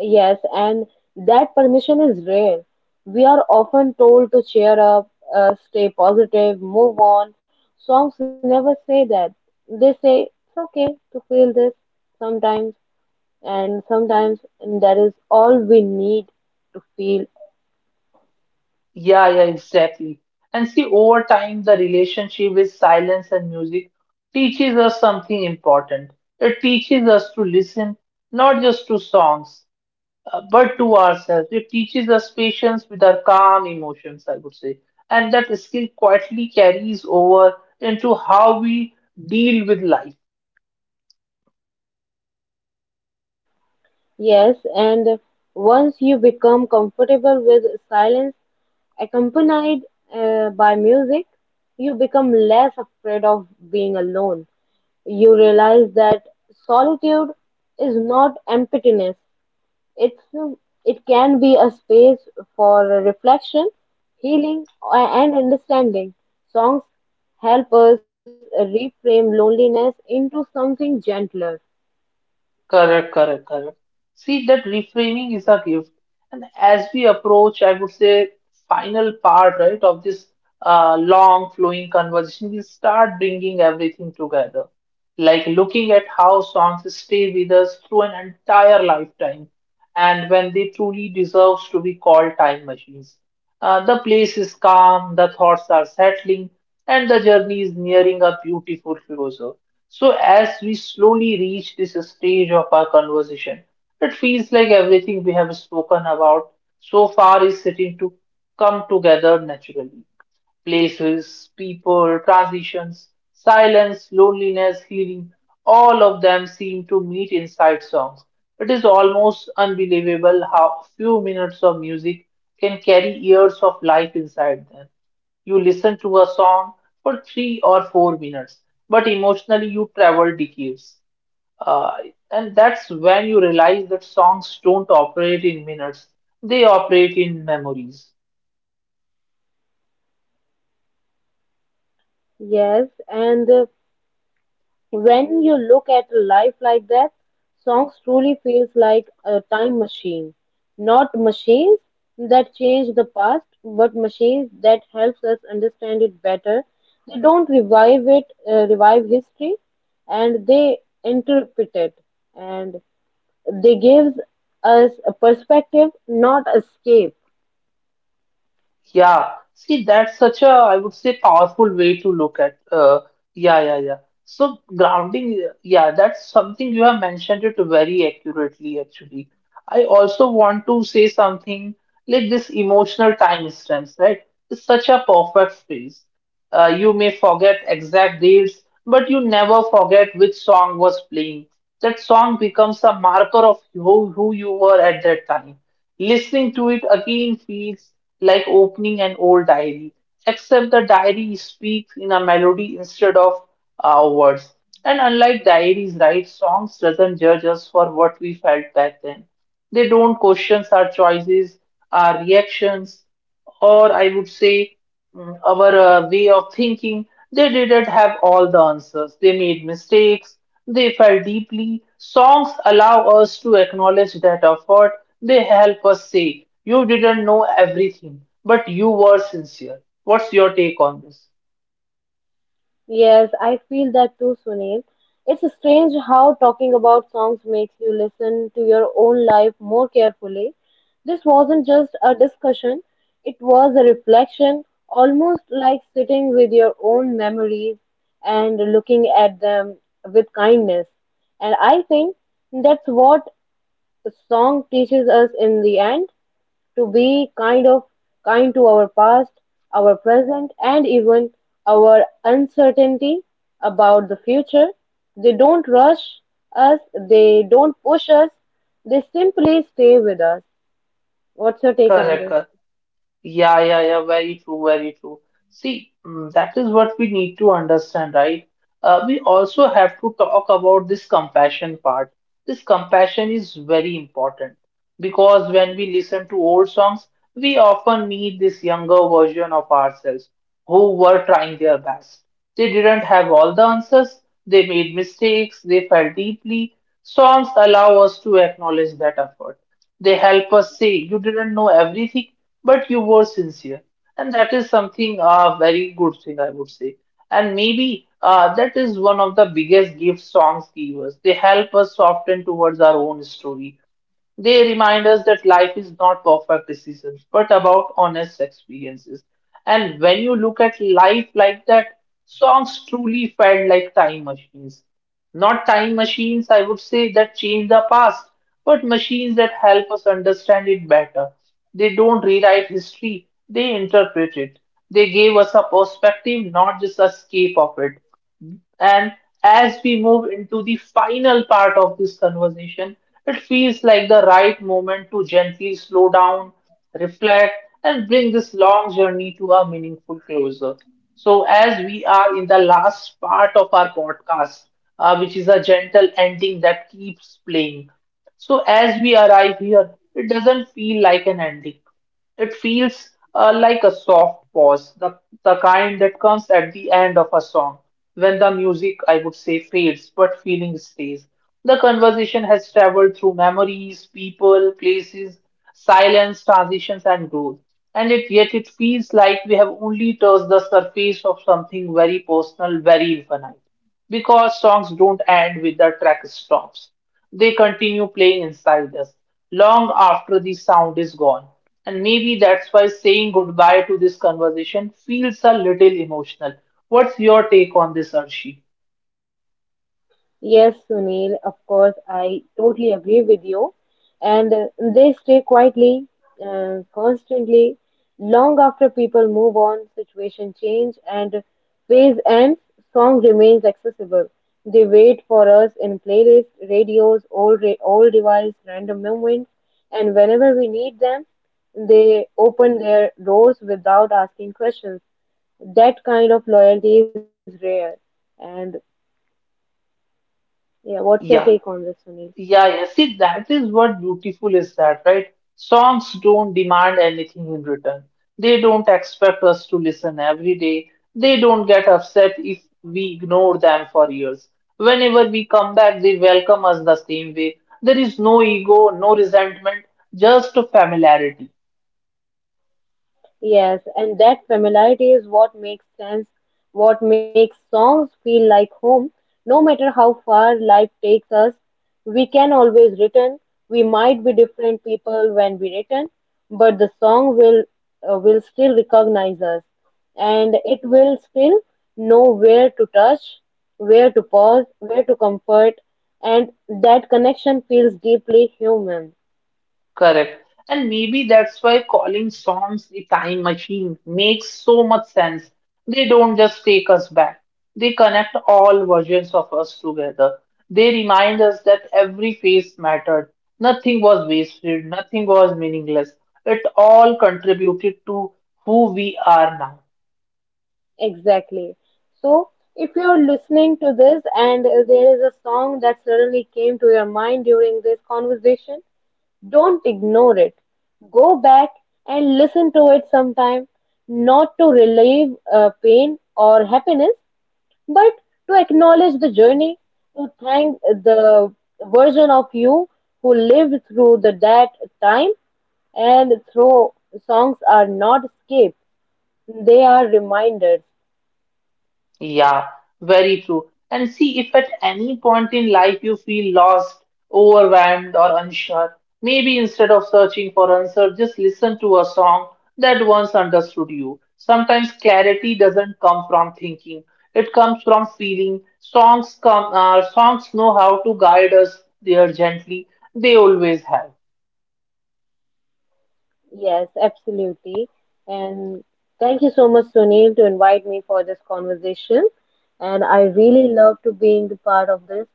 [SPEAKER 2] Yes, and that permission is rare. We are often told to cheer up, stay positive, move on. Songs never say that. They say it's okay to feel this sometimes, and sometimes that is all we need to feel.
[SPEAKER 1] Yeah, yeah, exactly. And see, over time, the relationship with silence and music teaches us something important. It teaches us to listen, not just to songs. But to ourselves. It teaches us patience with our calm emotions, I would say. And that skill quietly carries over into how we deal with life.
[SPEAKER 2] Yes, and once you become comfortable with silence accompanied by music, you become less afraid of being alone. You realize that solitude is not emptiness. It's it can be a space for reflection, healing, and understanding. Songs help us reframe loneliness into something gentler.
[SPEAKER 1] Correct, correct, correct. See, that reframing is a gift. And as we approach, I would say, final part, right, of this long flowing conversation, we start bringing everything together, like looking at how songs stay with us through an entire lifetime and when they truly deserves to be called time machines. The place is calm, the thoughts are settling, and the journey is nearing a beautiful closure. So as we slowly reach this stage of our conversation, it feels like everything we have spoken about so far is sitting to come together naturally: places, people, transitions, silence, loneliness, healing, all of them seem to meet inside songs. It is almost unbelievable how few minutes of music can carry years of life inside them. You listen to a song for 3 or 4 minutes, but emotionally you travel decades. Uh, and that's when you realize that songs don't operate in minutes, they operate in memories.
[SPEAKER 2] Yes, and when you look at life like that, songs truly feels like a time machine. Not machines that change the past, but machines that helps us understand it better. They don't revive it, Revive history, and they interpret it, and they gives us a perspective, not escape.
[SPEAKER 1] Yeah, see, that's such a, I would say, powerful way to look at. Yeah, yeah, yeah. So grounding, yeah, that's something you have mentioned it very accurately, actually. I also want to say something like this emotional time stamps, right? It's such a perfect phrase. You may forget exact dates, but you never forget which song was playing. That song becomes a marker of who you were at that time. Listening to it again feels like opening an old diary, except the diary speaks in a melody instead of words. And unlike diaries, right, songs doesn't judge us for what we felt back then. They don't question our choices, our reactions, or I would say our way of thinking. They didn't have all the answers. They made mistakes. They felt deeply. Songs allow us to acknowledge that effort. They help us say, you didn't know everything, but you were sincere. What's your take on this?
[SPEAKER 2] Yes, I feel that too, Sunil. It's strange how talking about songs makes you listen to your own life more carefully. This wasn't just a discussion, it was a reflection, almost like sitting with your own memories and looking at them with kindness. And I think that's what the song teaches us in the end to be kind to our past, our present, and even our uncertainty about the future. They don't rush us, they don't push us, they simply stay with us. What's your take on
[SPEAKER 1] Correct,
[SPEAKER 2] this?
[SPEAKER 1] correct. Yeah, yeah, yeah, very true, very true. See, that is what we need to understand, right? We also have to talk about this compassion part. This compassion is very important because when we listen to old songs, we often meet this younger version of ourselves who were trying their best. They didn't have all the answers, they made mistakes, they felt deeply. Songs allow us to acknowledge that effort. They help us say you didn't know everything, but you were sincere. And that is something a very good thing, I would say. And maybe that is one of the biggest gifts songs give us. They help us soften towards our own story. They remind us that life is not perfect decisions, but about honest experiences. And when you look at life like that, songs truly felt like time machines. Not time machines, I would say, that change the past, but machines that help us understand it better. They don't rewrite history, they interpret it. They gave us a perspective, not just escape of it. And as we move into the final part of this conversation, it feels like the right moment to gently slow down, reflect, and bring this long journey to a meaningful closure. So, as we are in the last part of our podcast, which is a gentle ending that keeps playing. So as we arrive here, it doesn't feel like an ending. It feels like a soft pause, the kind that comes at the end of a song, when the music, I would say, fades, but feeling stays. The conversation has traveled through memories, people, places, silence, transitions, and growth. And it, yet it feels like we have only touched the surface of something very personal, very infinite. Because songs don't end with the track stops. They continue playing inside us long after the sound is gone. And maybe that's why saying goodbye to this conversation feels a little emotional. What's your take on this, Arshi?
[SPEAKER 2] Yes, Sunil, of course, I totally agree with you. And they stay quietly, constantly, long after people move on, situation change, and phase ends, song remains accessible. They wait for us in playlists, radios, old device, random moments, and whenever we need them, they open their doors without asking questions that kind of loyalty is rare and yeah, what's your take on
[SPEAKER 1] Yeah.
[SPEAKER 2] this, Sunil?
[SPEAKER 1] Yeah, yeah. See, that is what beautiful is that, right? Songs don't demand anything in return. They don't expect us to listen every day. They don't get upset if we ignore them for years. Whenever we come back, they welcome us the same way. There is no ego, no resentment, just familiarity.
[SPEAKER 2] Yes, and that familiarity is what makes sense, what makes songs feel like home. No matter how far life takes us, we can always return. We might be different people when we return, but the song will will still recognize us, and it will still know where to touch, where to pause, where to comfort, and that connection feels deeply human.
[SPEAKER 1] Correct. And maybe that's why calling songs the time machine makes so much sense. They don't just take us back, they connect all versions of us together. They remind us that every phase mattered, nothing was wasted, nothing was meaningless. It all contributed to who we are now.
[SPEAKER 2] Exactly. So, if you're listening to this and there is a song that suddenly came to your mind during this conversation, don't ignore it. Go back and listen to it sometime, not to relieve pain or happiness, but to acknowledge the journey, to thank the version of you who lived through that time. And through songs are not escape, they are reminders.
[SPEAKER 1] Yeah, very true. And see, if at any point in life you feel lost, overwhelmed, or unsure, maybe instead of searching for answers, just listen to a song that once understood you. Sometimes clarity doesn't come from thinking, it comes from feeling. Songs know how to guide us there gently. They always have.
[SPEAKER 2] Yes, absolutely. And thank you so much, Sunil, to invite me for this conversation. And I really love to being the part of this.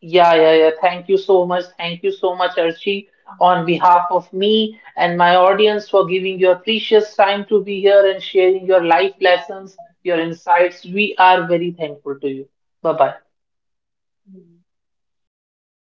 [SPEAKER 1] Yeah, yeah, yeah. Thank you so much. Thank you so much, Archie, on behalf of me and my audience for giving your precious time to be here and sharing your life lessons, your insights. We are very thankful to you. Bye bye.
[SPEAKER 2] Thank you.